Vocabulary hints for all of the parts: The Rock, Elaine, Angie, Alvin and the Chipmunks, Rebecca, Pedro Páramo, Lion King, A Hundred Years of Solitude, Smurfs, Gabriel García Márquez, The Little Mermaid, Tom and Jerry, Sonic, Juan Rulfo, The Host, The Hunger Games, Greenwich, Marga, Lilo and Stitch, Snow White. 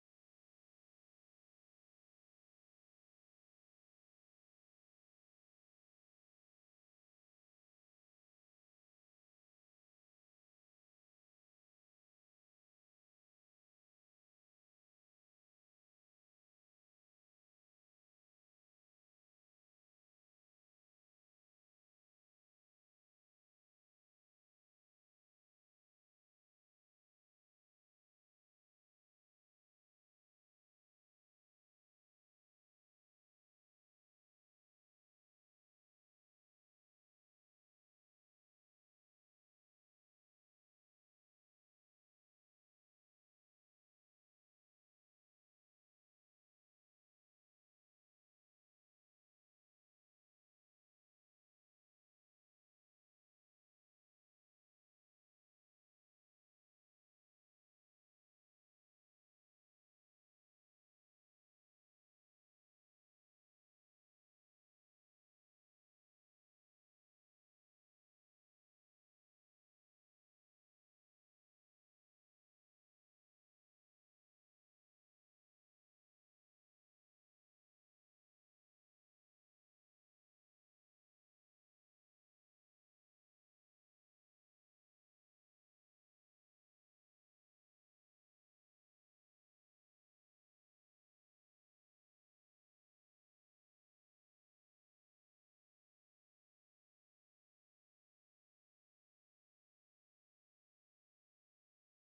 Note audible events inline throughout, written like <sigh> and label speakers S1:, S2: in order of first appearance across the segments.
S1: and I really enjoyed that story because it was about an active volcano, but let's say a real story, sort of a chronicle about a reporter as well as a photographer that decided to go to that active volcano and just put all their stories with the people they encounter or the experiences they had, and I think I really like enjoyed it. So that was like the first time that I read something that I really enjoyed, and from there I decided to read, and I read all the time. I think that's one of my biggest honestly for sure.
S2: And uh, about that book that you read, I mean, why did what did you like exactly about the story? It was like a like a book for children or for adults, or what's the type of a book, the story?
S1: Well, I think it was real in a way. It was not a novel, it was a chronicle about those two people. So it was not a children's book or an adult. It was more of only a story, and I think that actually shaped of the genre that I follow when I read books. That they are everyday life stories about everyday life and the story perhaps about one person or two people together and just talking about their story. So I think that's what I enjoy the most, and some of the writers that I follow still. But yeah, do you enjoy reading, or is one of your hobbies?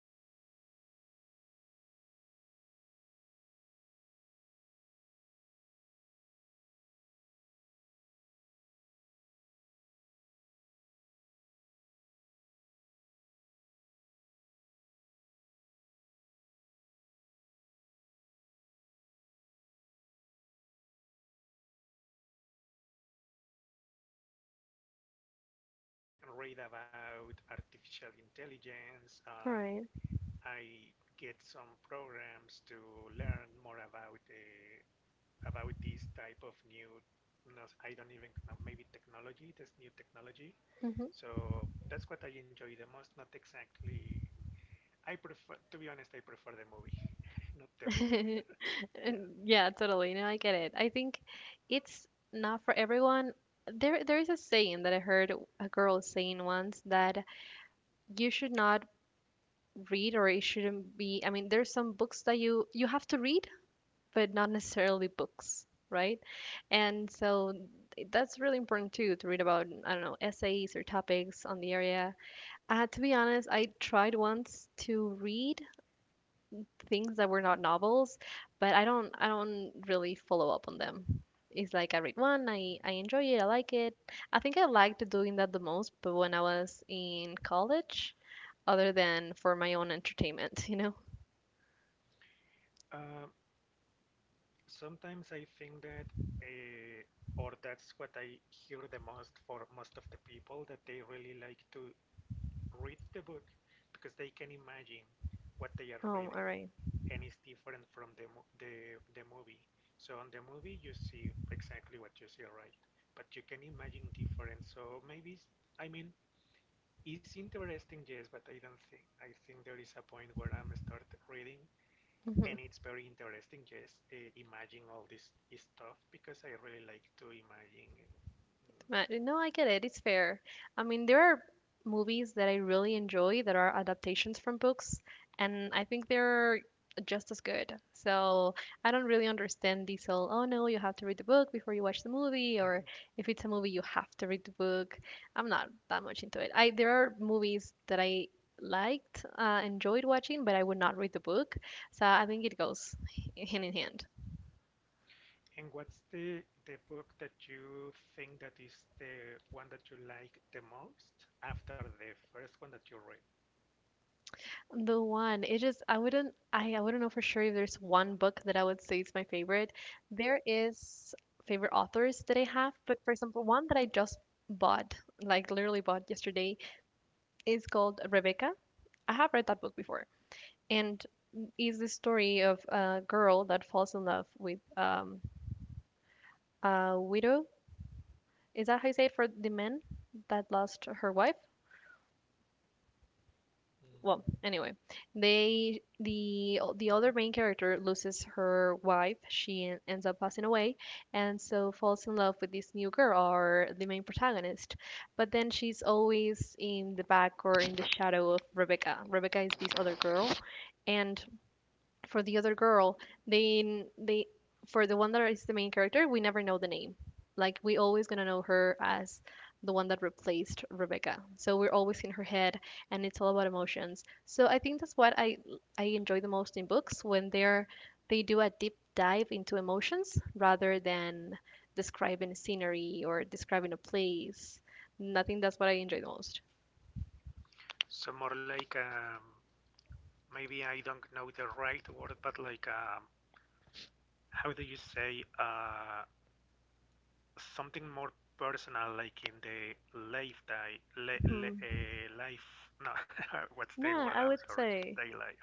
S2: Not likely exactly like the books, no. Um, no, not really, <laughs>
S1: <laughs>
S2: to be
S1: And what
S2: honest.
S1: what what did what did you enjoy reading?
S2: Mostly I read, I mean, I do not read, don't think <laughs> that I don't read, right?
S1: <laughs>
S2: I mean, I read most likely to be some stuff like in the internet. For example, I like to uh, read about artificial intelligence.
S1: All right.
S2: I get some programs to learn more about. About this type of new no, I don't even know, maybe technology, this new technology.
S1: Hmm.
S2: So that's what I enjoy the most, not exactly. I prefer, to be honest, I prefer the movie, <laughs> not the book.
S1: <laughs>
S2: Yeah.
S1: And yeah, totally. No, I get it. I think it's not for everyone. There is a saying that I heard a girl saying once that you should not read, or it shouldn't be. I mean, there's some books that you have to read, but not necessarily books, right? And so that's really important too, to read about, I don't know, essays or topics on the area. To be honest, I tried once to read things that were not novels, but I don't really follow up on them. It's like I read one, I
S2: Mm-hmm.
S1: enjoy it, I like it. I think I liked doing that the most, but when I was in college, other than for my own entertainment, <laughs> you know?
S2: Um, Sometimes I think that, uh, or that's what I hear the most for most of the people, that they really like to read the book because they can imagine what they are
S1: Oh, all
S2: reading,
S1: right.
S2: and it's different from the the movie. So on the movie you see exactly what you see, right? But you can imagine different. So maybe, I mean it's interesting, yes, but I don't think I think there is a point where I'm start reading
S1: Mhm.
S2: and it's very interesting, yes, imagine all this stuff because I really like to imagine.
S1: No, I get it. It's fair. I mean, there are movies that I really enjoy that are adaptations from books, and I think they're just as good. So I don't really understand this whole, oh no, you have to read the book before you watch the movie, or
S2: <laughs>
S1: if it's a movie, you have to read the book. I'm not that much into it. I There are movies that I liked, enjoyed watching, but I would not read the book. So I think it goes hand in hand.
S2: And what's the book that you think that is the one that you like the most after the first one that you read?
S1: The one. It just I wouldn't I wouldn't know for sure if there's one book that I would say is my favorite. There is favorite authors that I have, but for example, one that I just bought, like literally bought yesterday, is called Rebecca. I have read that book before. And is the story of a girl that falls in love with a widow. Is that how you say it for the man that lost her wife? Well,
S2: Mm,
S1: anyway, the other
S2: mhm.
S1: main character loses her wife, she ends up passing away, and so falls in love with this new girl, or the main protagonist. But then she's always in the back or in the shadow of Rebecca. Rebecca is this other girl, and for the other girl, they they for the one that is the main character, we never know the name. Like, we always gonna know her as the one that replaced Rebecca. So we're always in her head, and it's all about emotions. So I think that's what I enjoy the most in books, when they do a deep dive into emotions rather than describing scenery or describing a place. Nothing. That's what I enjoy the most.
S2: So more like maybe I don't know the right word, but like, how do you say something more personal, like in the life day, li li
S1: Hmm.
S2: life. No, <laughs> what's the
S1: Yeah,
S2: word?
S1: I
S2: I'm
S1: would
S2: sorry,
S1: say.
S2: day life.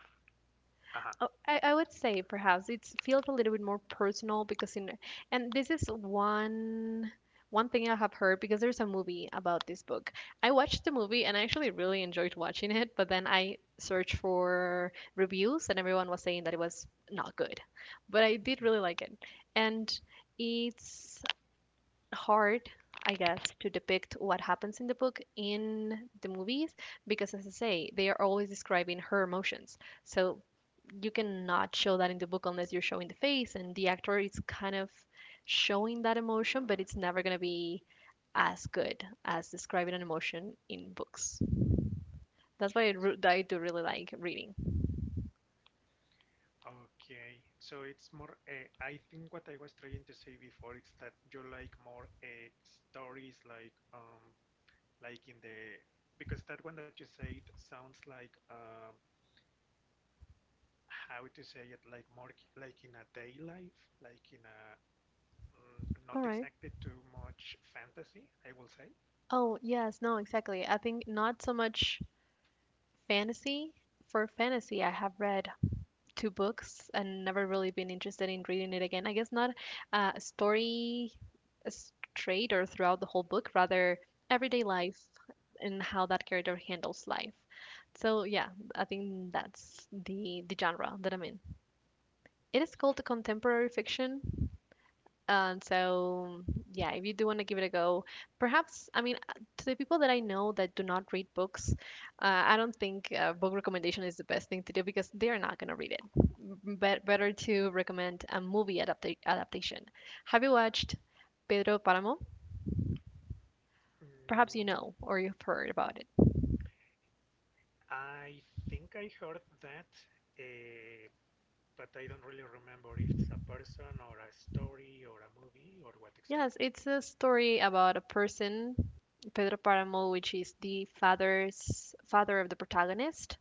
S2: Uh-huh.
S1: Oh, I would say perhaps it feels a little bit more personal, because in and this is one thing I have heard, because there's a movie about this book. I watched the movie and I actually really enjoyed watching it, but then I searched for reviews and everyone was saying that it was not good. But I did
S2: Mhm.
S1: really like it. And it's hard, I guess, to depict what happens in the book in the movies, because as I say, they are always describing her emotions. So you cannot show that in the book unless you're showing the face and the actor is kind of showing that emotion, but it's never going to be as good as describing an emotion in books. That's why I, that I do really like reading.
S2: Okay, so it's more. I think what I was trying to say before is that you like more stories, like in the because that one that you said sounds like, how to say it, like more like in a day life, like in a not
S1: All right.
S2: exactly too much fantasy, I will say.
S1: Oh, yes. No, exactly, I think not so much fantasy. For fantasy I have read to books and never really been interested in reading it again. I guess not a story straight or throughout the whole book, rather everyday life and how that character handles life. So yeah, I think that's the genre that I'm in. It is called contemporary fiction, and so, yeah, if you do want to give it a go, perhaps, I mean, to the people that I know that do not read books, I don't think book recommendation is the best thing to do because they're not going to read it. Better to recommend a movie adaptation. Have you watched Pedro Páramo? Perhaps you
S2: Mm,
S1: know or you've heard about it.
S2: I think I heard that, uh, but I don't really remember if it's a person or a story or a movie or what
S1: Yes,
S2: exactly.
S1: it's a story about a person, Pedro Páramo, which is the father's father of the protagonist.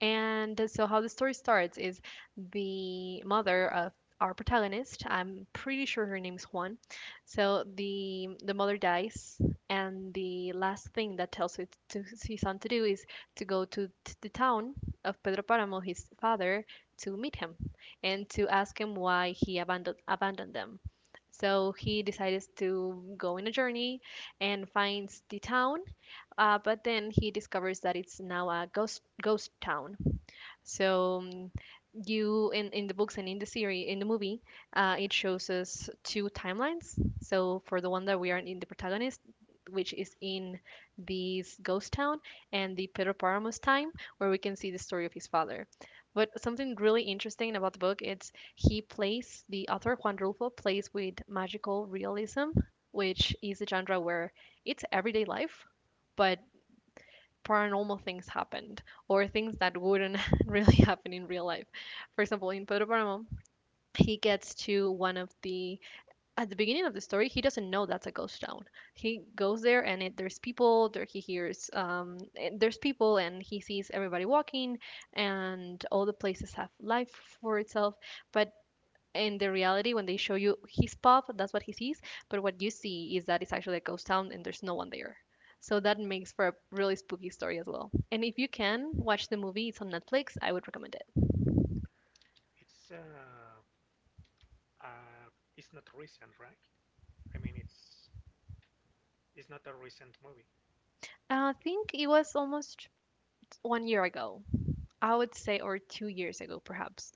S1: And so, how the story starts is the mother of our protagonist. I'm pretty sure her name's Juan. So the mother dies, and the last thing that tells his, to his son to do is to go to the town of Pedro Paramo, his father, to meet him and to ask him why he abandoned them. So he
S2: Mm.
S1: decides to go on a journey and finds the town, but then he discovers that it's now a ghost town. So you in the books and in the series in the movie, it shows us two timelines. So for the one that we are in the protagonist, which is in this ghost town, and the Pedro Paramos time, where we can see the story of his father. But something really interesting about the book, it's he plays, the author Juan Rulfo plays with magical realism, which is a genre where it's everyday life, but paranormal things happened or things that wouldn't <laughs> really happen in real life. For example, in Pedro Paramo, he gets to one of the at the beginning of the story, he doesn't know that's a ghost town. He goes there and it, there's people, there he hears there's people and he sees everybody walking and all the places have life for itself, but in the reality, when they show you his pub, that's what he sees. But what you see is that it's actually a ghost town and there's no one there. So that makes for a really spooky story as well. And if you can watch the movie, it's on Netflix, I would recommend it.
S2: It's uh, uh, it's not recent, right? I mean, it's not a recent movie.
S1: I think it was almost one year ago, I would say, or 2 years ago perhaps.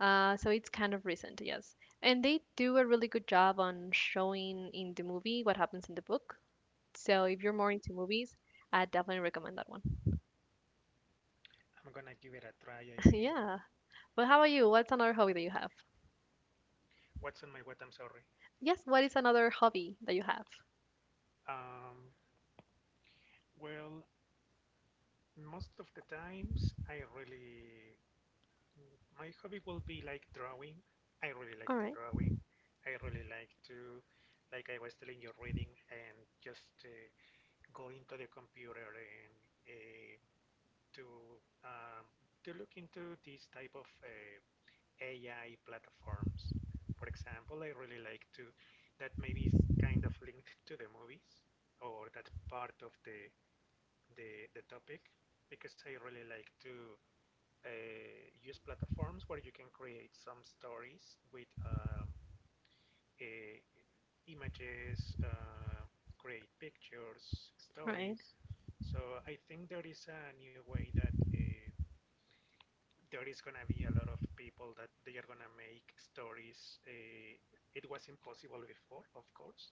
S1: So it's kind of recent, yes. And they do a really good job on showing in the movie what happens in the book. So if you're more into movies, I definitely recommend that one.
S2: I'm gonna give it a try. I
S1: <laughs>
S2: mean,
S1: Yeah, but how about you, what's another hobby that you have?
S2: what's on my what? I'm sorry.
S1: Yes, what is another hobby that you have?
S2: Um, well, most of the times, I really, my hobby will be like drawing. I really like
S1: All
S2: the
S1: right,
S2: drawing. I really like to, like I was telling you, reading and just go into the computer and uh, to um, to look into these type of AI platforms. For example, I really like to, that maybe is kind of linked to the movies or that part of the the topic because I really like to use platforms where you can create some stories with uh, images, create pictures,
S1: all right.
S2: stories. So I think there is a new way that there is gonna be a lot of people that they are gonna make stories. It was impossible before, of course,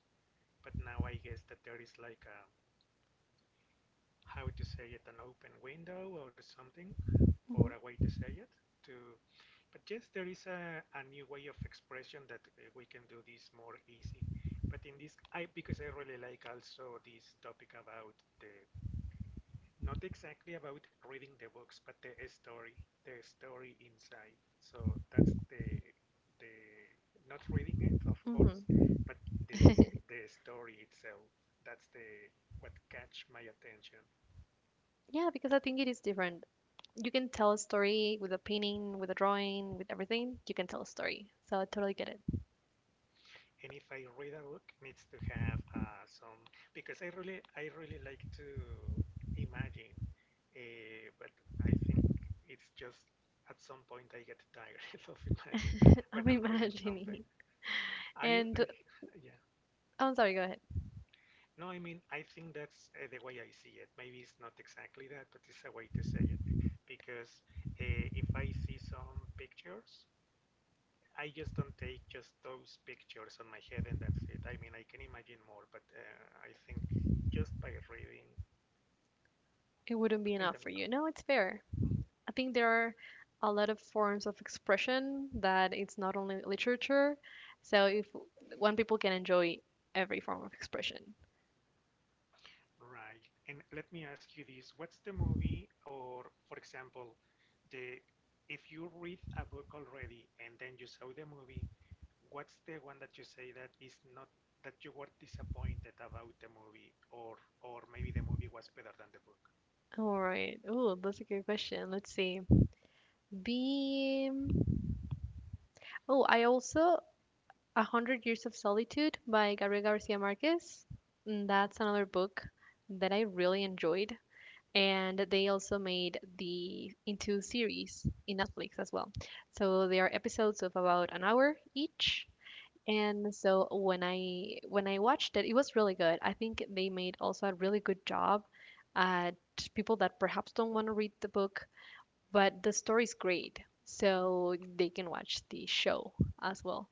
S2: but now I guess that there is like a how to say it, an open window or something for
S1: Mm-hmm,
S2: a way to say it. To, but yes, there is a new way of expression that we can do this more easy. But in this, I because I really like also this topic about the not exactly about reading the books, but the story inside. So that's the not reading it, of course,
S1: mm-hmm.
S2: but the story itself. That's the what catch my attention.
S1: Yeah, because I think it is different. You can tell a story with a painting, with a drawing, with everything. You can tell a story. So I totally get
S2: And if I read a book, needs to have some because I really like to imagine, but I think it's just at some point I get tired <laughs> of imagining
S1: it. <laughs>
S2: when
S1: I'm
S2: I'm reading something.
S1: imagining.
S2: I
S1: And
S2: Yeah.
S1: I'm sorry, go ahead.
S2: No, I mean, I think that's the way I see it. Maybe it's not exactly that, but it's a way to say it. Because if I see some pictures, I just don't take just those pictures on my head and that's it. I mean, I can imagine more, but I think just by reading,
S1: It wouldn't be
S2: I
S1: enough for
S2: don't
S1: you.
S2: know.
S1: No, it's fair.
S2: Mhm.
S1: I think there are a lot of forms of expression that it's not only literature. So if one people can enjoy every form of expression.
S2: Right. And let me ask you this. What's the movie or, for example, the if you read a book already and then you saw the movie, what's the one that you say that is not that you were disappointed about the movie, or maybe the movie was better than the book?
S1: All right. Oh, that's a good question. Let's see. Be oh I also A hundred years of solitude by Gabriel Garcia Marquez. Mm, that's
S2: Mhm.
S1: another book that I really enjoyed, and they also made the into series in Netflix as well. So they are episodes of about an hour each. And so when I watched it, it was really good. I think they made also a really good job at people that perhaps don't want to read the book, but the story's great, so they can watch the show as well.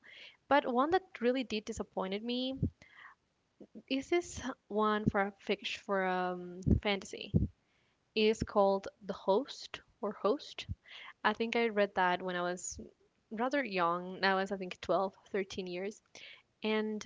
S1: But one that really did disappointed me is this one, for a fiction, for fantasy. It's called The Host or Host. I think I read that when I was rather young. I was, I think, 12, 13 years. And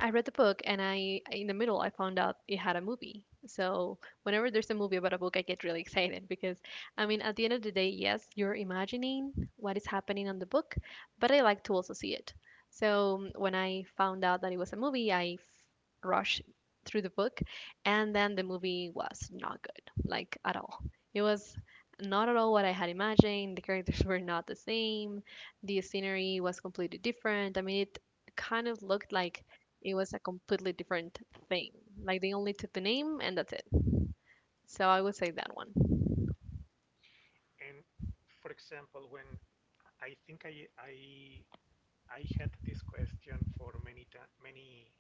S1: I read the book, and I in the middle I found out it had a movie. So whenever there's a movie about a book, I get really excited, because I mean, at the end of the day, yes, you're imagining what is happening on the book, but I like to also see it. So when I found out that it was a movie, rushed through the book, and then the movie was not good, like at all. It was not at all what I had imagined. The characters <laughs> were not the same. The scenery was completely different. I mean, it kind of looked like it was a completely different thing. Like they only took the name and that's it. So I would say that one.
S2: And for example, when I think I had this question for many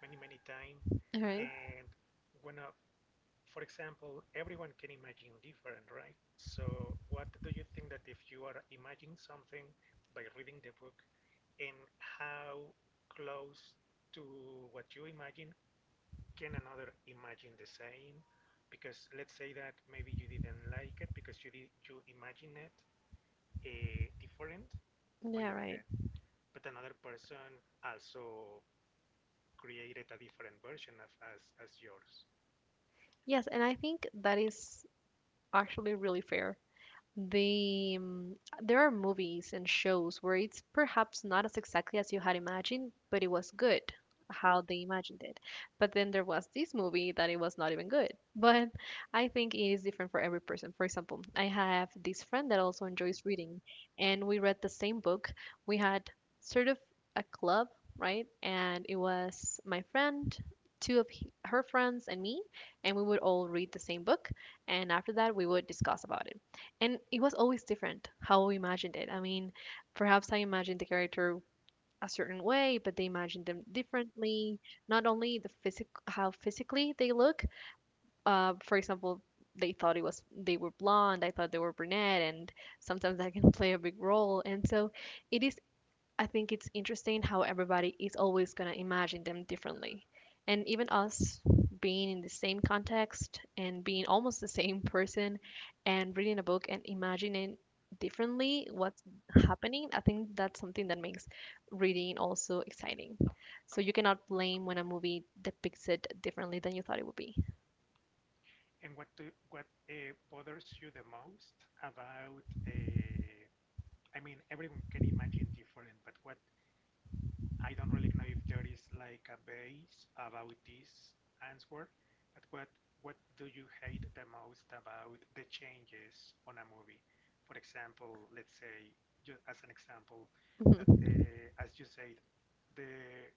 S2: many time,
S1: All right.
S2: and when a for example, everyone can imagine different, right? So what do you think that if you are imagining something by reading the book, and how close to what you imagine can another imagine the same? Because let's say that maybe you didn't like it because you imagine it different on
S1: Yeah,
S2: your
S1: right.
S2: head but another person also created a different version of as yours.
S1: Yes, and I think that is actually really fair. They, there are movies and shows where it's perhaps not as exactly as you had imagined, but it was good how they imagined it. But then there was this movie that it was not even good. <laughs> But I think it is different for every person. For example, I have this friend that also enjoys reading, and we read the same book. We had sort of a club, right? And it was my friend, two of her friends, and me, and we would all read the same book, and after that we would discuss about it. And it was always different how we imagined it. I mean, perhaps I imagined the character a certain way, but they imagined them differently. Not only the physic how physically they look. For example, they were blonde. I thought they were brunette, and sometimes that <laughs> can play a big role. And so, it is, I think it's interesting how everybody is always going to imagine them differently. And even us being in the same context and being almost the same <laughs> person and reading a book and imagining differently what's happening, I think that's something that makes reading also exciting. So you cannot blame when a movie depicts it differently than you thought it would be.
S2: And what bothers you the most about? I mean, everyone can imagine different, but what I don't really know if there is like a base about this answer. But what do you hate the most about the changes on a movie? For example, let's say just as an example that
S1: Hmm.
S2: the, as you said, the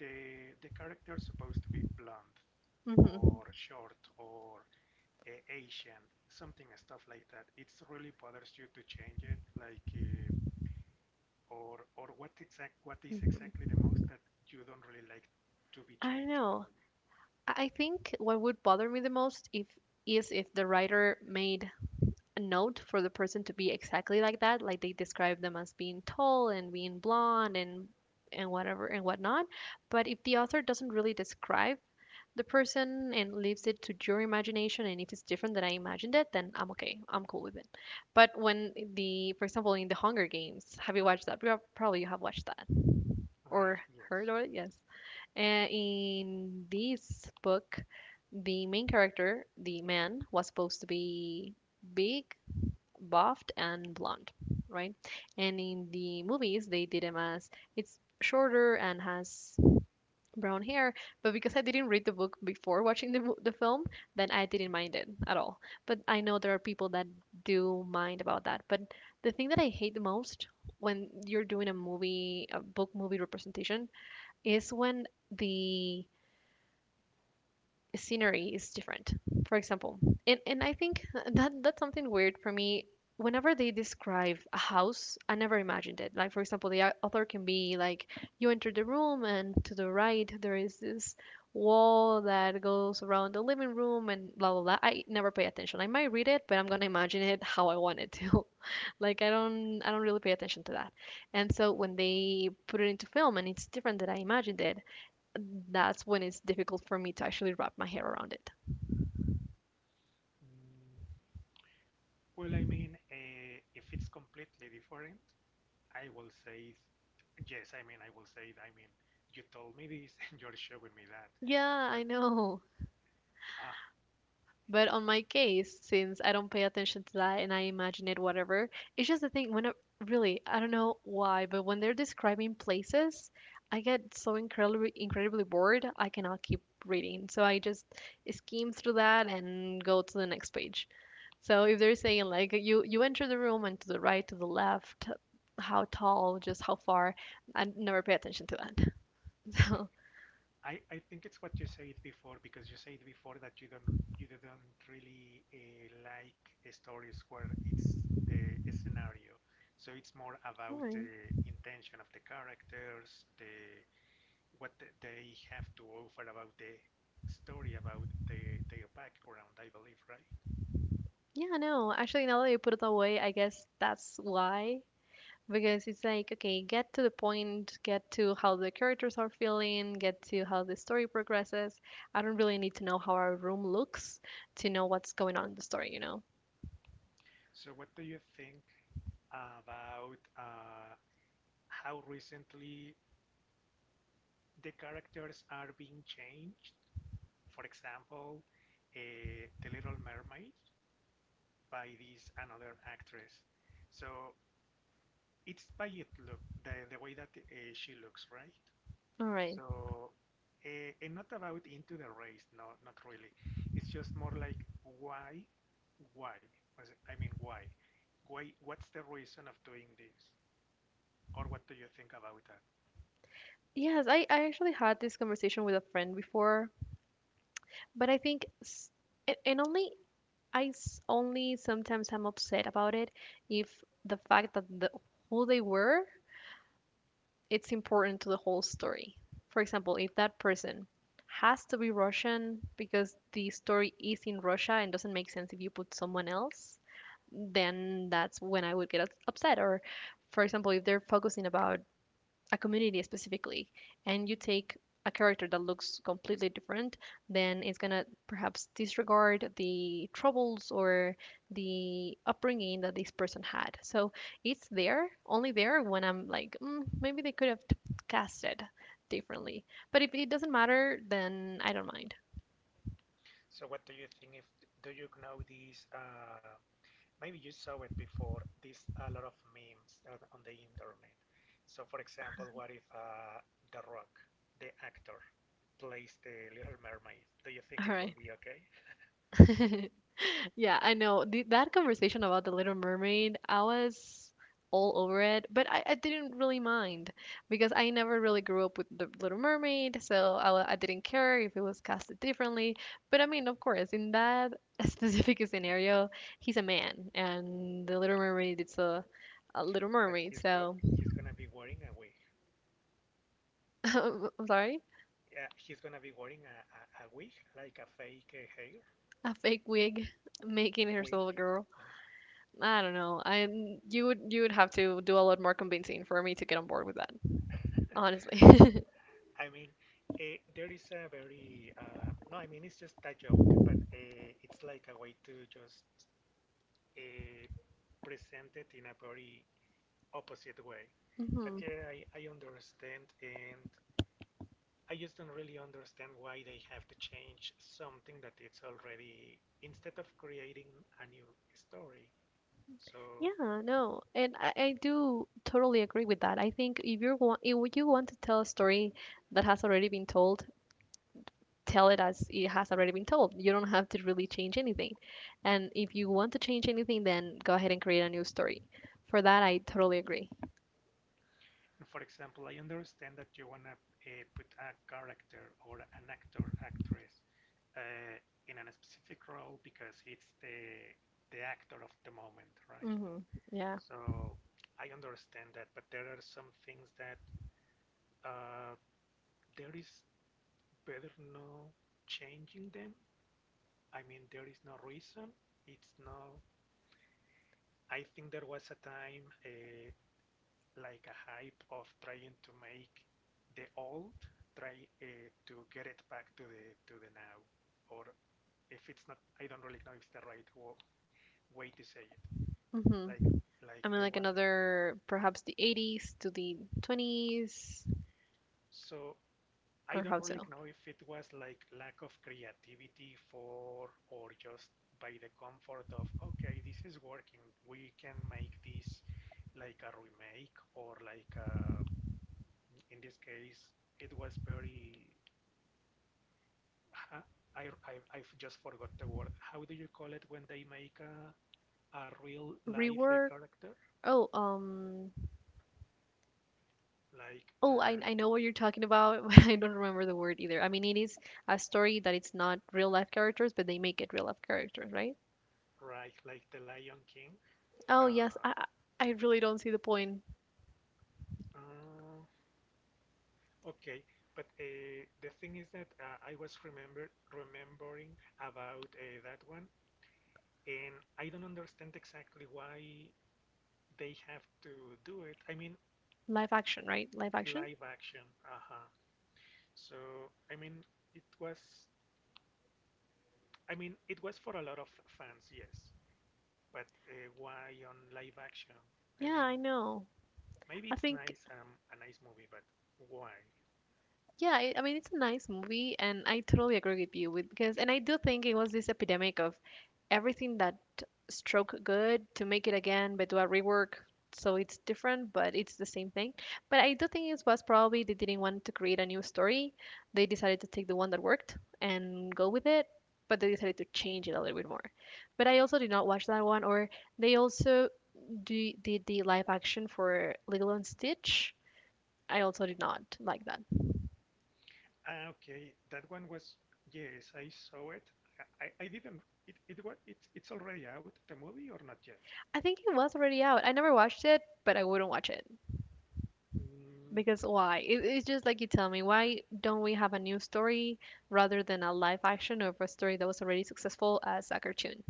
S2: the the character is supposed to be blonde
S1: Hmm.
S2: or short or Asian, something stuff like that. It's really bothers you to change it, like or what exact what is exactly
S1: Hmm.
S2: the most that you don't really like to be
S1: I don't
S2: changed in a
S1: know.
S2: movie.
S1: I think what would bother me the most if is if the writer made note for the person to be exactly like that, like they describe them as being tall and being blonde and whatever and whatnot. But if the author doesn't really describe the person and leaves it to your imagination, and if it's different than I imagined it, then I'm okay, I'm cool with it. But when the for example in the Hunger Games, have you watched that? Probably you have watched that
S2: Right.
S1: or
S2: Yes.
S1: heard of it. Yes. Uh, in this book, the main character, the man, was supposed to be big, buffed, and blonde, right? And in the movies, they did him as it's shorter and has brown hair. But because I didn't read the book before watching the film, then I
S2: Mm-hmm.
S1: didn't mind it at all. But I know there are people that do mind about that. But the thing that I hate the most when you're doing a movie, a book movie representation, is when the scenery is different, for example. And I think that's something weird for me. Whenever they describe a house, I never imagined it. Like for example, the author can be like, you enter the room and to the right there is this wall that goes around the living room and blah blah blah. I never pay attention. I might read it, but I'm gonna imagine it how I want it to. <laughs> Like I don't really pay attention to that. And so when they put it into film and it's different than I imagined it, that's when it's difficult for me to actually wrap my head around it.
S2: Mm, well, I mean, if it's completely different, I will say yes. I mean, I will say, I mean, you told me this <laughs> and you're showing me that.
S1: Yeah,
S2: But,
S1: I know.
S2: uh,
S1: But on my case, since I don't pay attention to that and I imagine it, whatever, it's just the thing when really, I don't know why, but when they're describing places, I get so incredibly, incredibly bored, I cannot keep reading. So I just skim through that and go to the next page. So if they're saying like you enter the room and to the right, to the left, how tall, just how far, I never pay attention to that. <laughs> So
S2: I think it's what you said before because you said before that you don't you did not really like stories where it's the scenario. So it's more
S1: All
S2: about
S1: right.
S2: the intention of the characters, the what they have to offer about the story, about the, their background, I believe, right?
S1: Yeah, no. Actually, now that you put it that way, I guess that's why. Because it's like, okay, get to the point, get to how the characters are feeling, get to how the story progresses. I don't really need to know how our room looks to know what's going on in the story, you know?
S2: So what do you think about how recently the characters are being changed? For example, The Little Mermaid by this another actress. So it's by it look the way that she looks, right?
S1: All right.
S2: So and not about into the race, no, not really. It's just more like why? I mean, why? Why? What's the reason of doing this? Or what do you think about that?
S1: Yes, I actually had this conversation with a friend before, but I think, s- and only, only sometimes I'm upset about it, if the fact that the, who they were, it's important to the whole story. For example, if that person has to be Russian because the story is in Russia and doesn't make sense if you put someone else, then that's when I would get upset. Or, for example, if they're focusing about a community specifically and you take a character that looks completely different, then it's gonna perhaps disregard the troubles or the upbringing that this person had. So it's there, only there when I'm like, mm, maybe they could have cast it differently. But if it doesn't matter, then I don't mind.
S2: So what do you think if do you know this? Maybe you saw it before, there's a lot of memes on the internet. So, for example, what if The Rock, the actor, plays the Little Mermaid? Do you think
S1: All
S2: it will
S1: right.
S2: be okay?
S1: <laughs> Yeah, I know. That conversation about the Little Mermaid, I was all over it, but I didn't really mind, because I never really grew up with the Little Mermaid, so I didn't care if it was casted differently. But I mean, of course, in that <laughs> specific scenario, he's a man, and the Little Mermaid is a Little
S2: But
S1: Mermaid, so
S2: he's gonna be wearing a wig.
S1: <laughs> I'm sorry,
S2: Yeah, he's gonna be wearing a wig, like a fake hair
S1: a fake wig making
S2: wig.
S1: herself a girl.
S2: Uh,
S1: I don't know. I you would have to do a lot more convincing for me to get on board with that. Honestly. <laughs>
S2: I mean, there is a very no, I mean it's just a joke, but it's like a way to just uh, present it in a very opposite way. But
S1: Hmm.
S2: yeah, I understand, and I just don't really understand why they have to change something that it's already instead of creating a new story. So,
S1: Yeah, no, and I do totally agree with that. I think if you want to tell a story that has already been told, tell it as it has already been told. You don't have to really change anything. And if you want to change anything, then go ahead and create a new story. For that, I totally agree.
S2: for example, I understand that you wanna put a character or an actor actress uh, in a specific role because it's the actor of the moment, right?
S1: Hmm. Yeah.
S2: So I understand that, but there are some things that uh, there is better not changing them. I mean, there is no reason. It's not. I think there was a time like a hype of trying to make the old try to get it back to the now, or if it's not, I don't really know if it's the right way to say it.
S1: Hmm.
S2: Like like
S1: I mean,
S2: they
S1: like
S2: wanted.
S1: another, perhaps the 80s to the 20s,
S2: So I
S1: or
S2: don't
S1: how
S2: really
S1: so?
S2: know if it was like lack of creativity for or just by the comfort of okay, this is working. We can make this like a remake or like in this case it was very I've just forgot the word. How do you call it when they make a real life
S1: Rework.
S2: character
S1: Oh,
S2: like
S1: Oh, I know what you're talking about, <laughs> but I don't remember the word either. I mean, it is a story that it's not real life characters, but they make it real life characters, right?
S2: right like the Lion King?
S1: Oh, yes.
S2: Uh,
S1: I I really don't see the point.
S2: uh, Okay, but the thing is that I was remember remembering about that one, and I don't understand exactly why they have to do it. I mean,
S1: Live action, right? Live action?
S2: live action. Uh-huh. So, I mean, it was, I mean, it was for a lot of fans, yes, but why on live action? I
S1: Yeah,
S2: mean,
S1: I know.
S2: maybe
S1: I
S2: it's
S1: think
S2: nice, a nice movie, but why?
S1: Yeah, I mean it's a nice movie, and I totally agree with you with because, and I do think it was this epidemic of everything that stroke good to make it again, but do a rework so it's different, but it's the same thing. But I do think it was probably they didn't want to create a new story. They decided to take the one that worked and go with it, but they decided to change it a little bit more. But I also did not watch that one, or they also did the live action for Lilo and Stitch. I also did not like that.
S2: Ah, okay. That one was, yes, I saw it. I didn't, it was, it's already out, the movie, or not yet?
S1: I think it was already out. I never watched it, but I wouldn't watch it
S2: Mm,
S1: because why? It's just like you tell me, why don't we have a new story rather than a live action of a story that was already successful as a cartoon?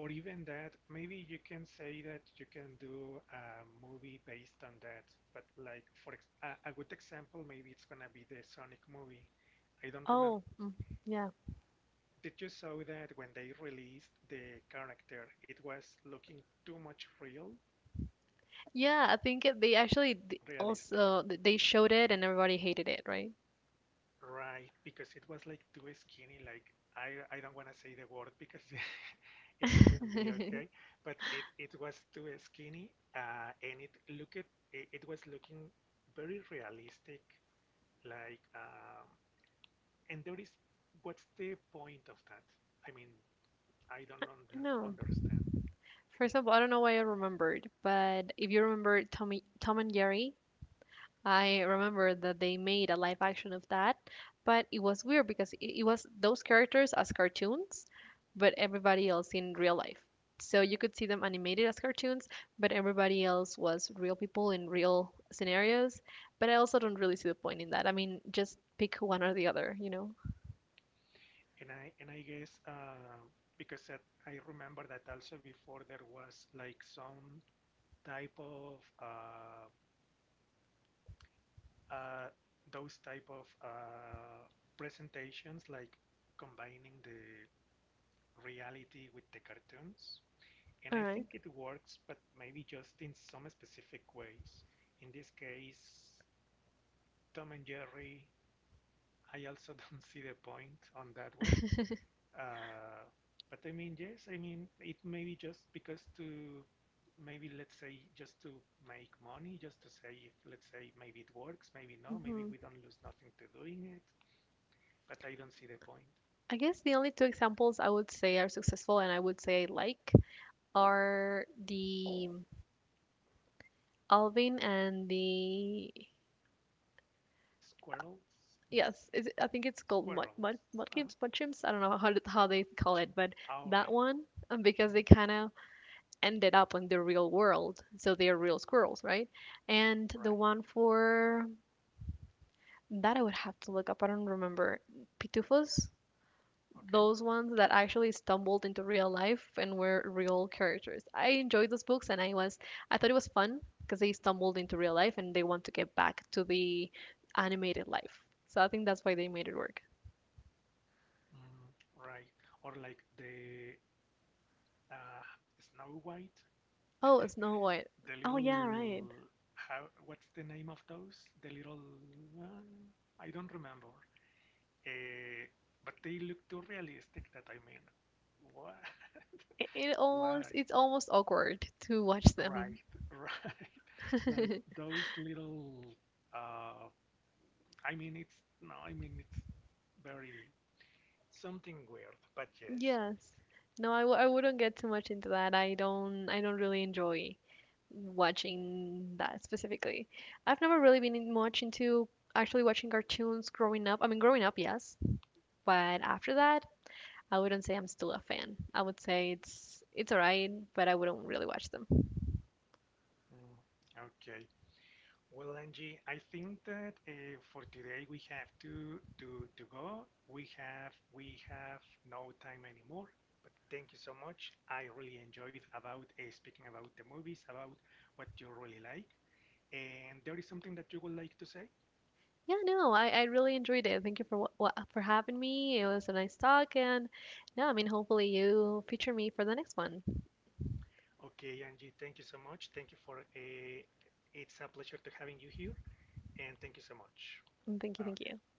S2: or even that, maybe you can say that you can do a movie based on that, but like, for ex a good example, maybe it's gonna be the Sonic movie. I don't remember.
S1: Oh, mm, yeah,
S2: Did you saw that when they released the character, it was looking too much real,
S1: yeah. I think they actually
S2: realistic?
S1: they showed it and everybody hated it, right?
S2: Right, because it was like too skinny. Like I don't want to say the word because <laughs>
S1: <laughs>
S2: it wouldn't be
S1: I
S2: okay. But it was too skinny, and it was looking very realistic. Like and there is what's the point of that? I mean, I don't
S1: know.
S2: understand.
S1: First of all, I don't know why I remembered, but if you remember Tom and Jerry, I remember that they made a live action of that, but it was weird because it was those characters as cartoons, but everybody else in real life. So you could see them animated as cartoons, but everybody else was real people in real scenarios. But I also don't really see the point in that. I mean, just pick one or the other, you know?
S2: And I guess because that I remember that also before there was like some type of uh, those type of presentations, like combining the reality with the cartoons. And
S1: All
S2: I
S1: right.
S2: think it works, but maybe just in some specific ways. In this case, Tom and Jerry, I also <laughs> don't see the point on that one. Uh, but I mean, yes, I mean, it may be just because to maybe let's say just to make money, just to say if let's say maybe it works, maybe no, maybe
S1: Mm-hmm.
S2: we don't lose nothing to doing it. But I don't see the point.
S1: I guess the only two examples I would say are successful and I would say I like are the Alvin and the
S2: Squirrels? No,
S1: Yes, is it, I think it's called
S2: squirrels. Uh-huh.
S1: mudkipes, mudchips. I don't know how they call
S2: Chin.
S1: it, but
S2: Oh,
S1: that
S2: right.
S1: one, because they
S2: Mhm.
S1: kind of ended up in the real world, so they are real squirrels, right? And the
S2: Right.
S1: one for that I would have to look up. I don't remember pitufos.
S2: Okay.
S1: Those ones that actually stumbled into real life and were real characters. I enjoyed those books, and I was I thought it was fun because they stumbled into real life and they want to get back to the animated life. So I think that's why they made it work.
S2: Mm, right. Or like the uh, Snow White,
S1: Oh, Snow White.
S2: the
S1: Oh
S2: little.
S1: yeah, right.
S2: How? What's the name of those? The little. Uh, I don't remember. Uh, but they look too realistic. That I mean, why?
S1: It
S2: <laughs> Why?
S1: almost it's almost awkward to watch
S2: Right.
S1: them.
S2: Right. <laughs> Like
S1: <laughs>
S2: those little. Uh, I mean, it's no, I mean it's very something weird, but yes.
S1: Yes. No, I wouldn't get too much into that. I don't really enjoy watching that specifically. I've never really been much into actually watching cartoons growing up. I mean, growing up, yes, but after that, I wouldn't say I'm still a fan. I would say it's alright, but I wouldn't really watch them.
S2: Mm. Okay. Well, Angie, I think that for today we have to go. We have no time anymore. But thank you so much. I really enjoyed about speaking about the movies, about what you really like. And there is something that you would like to say?
S1: Yeah, no, I really enjoyed it. Thank you for what for having me. It was a nice talk, and no, I mean, hopefully you feature me for the next one.
S2: Okay, Angie, thank you so much. Thank you for it's a pleasure to having you here, and thank you so much.
S1: Mm, thank you, thank
S2: Okay.
S1: you.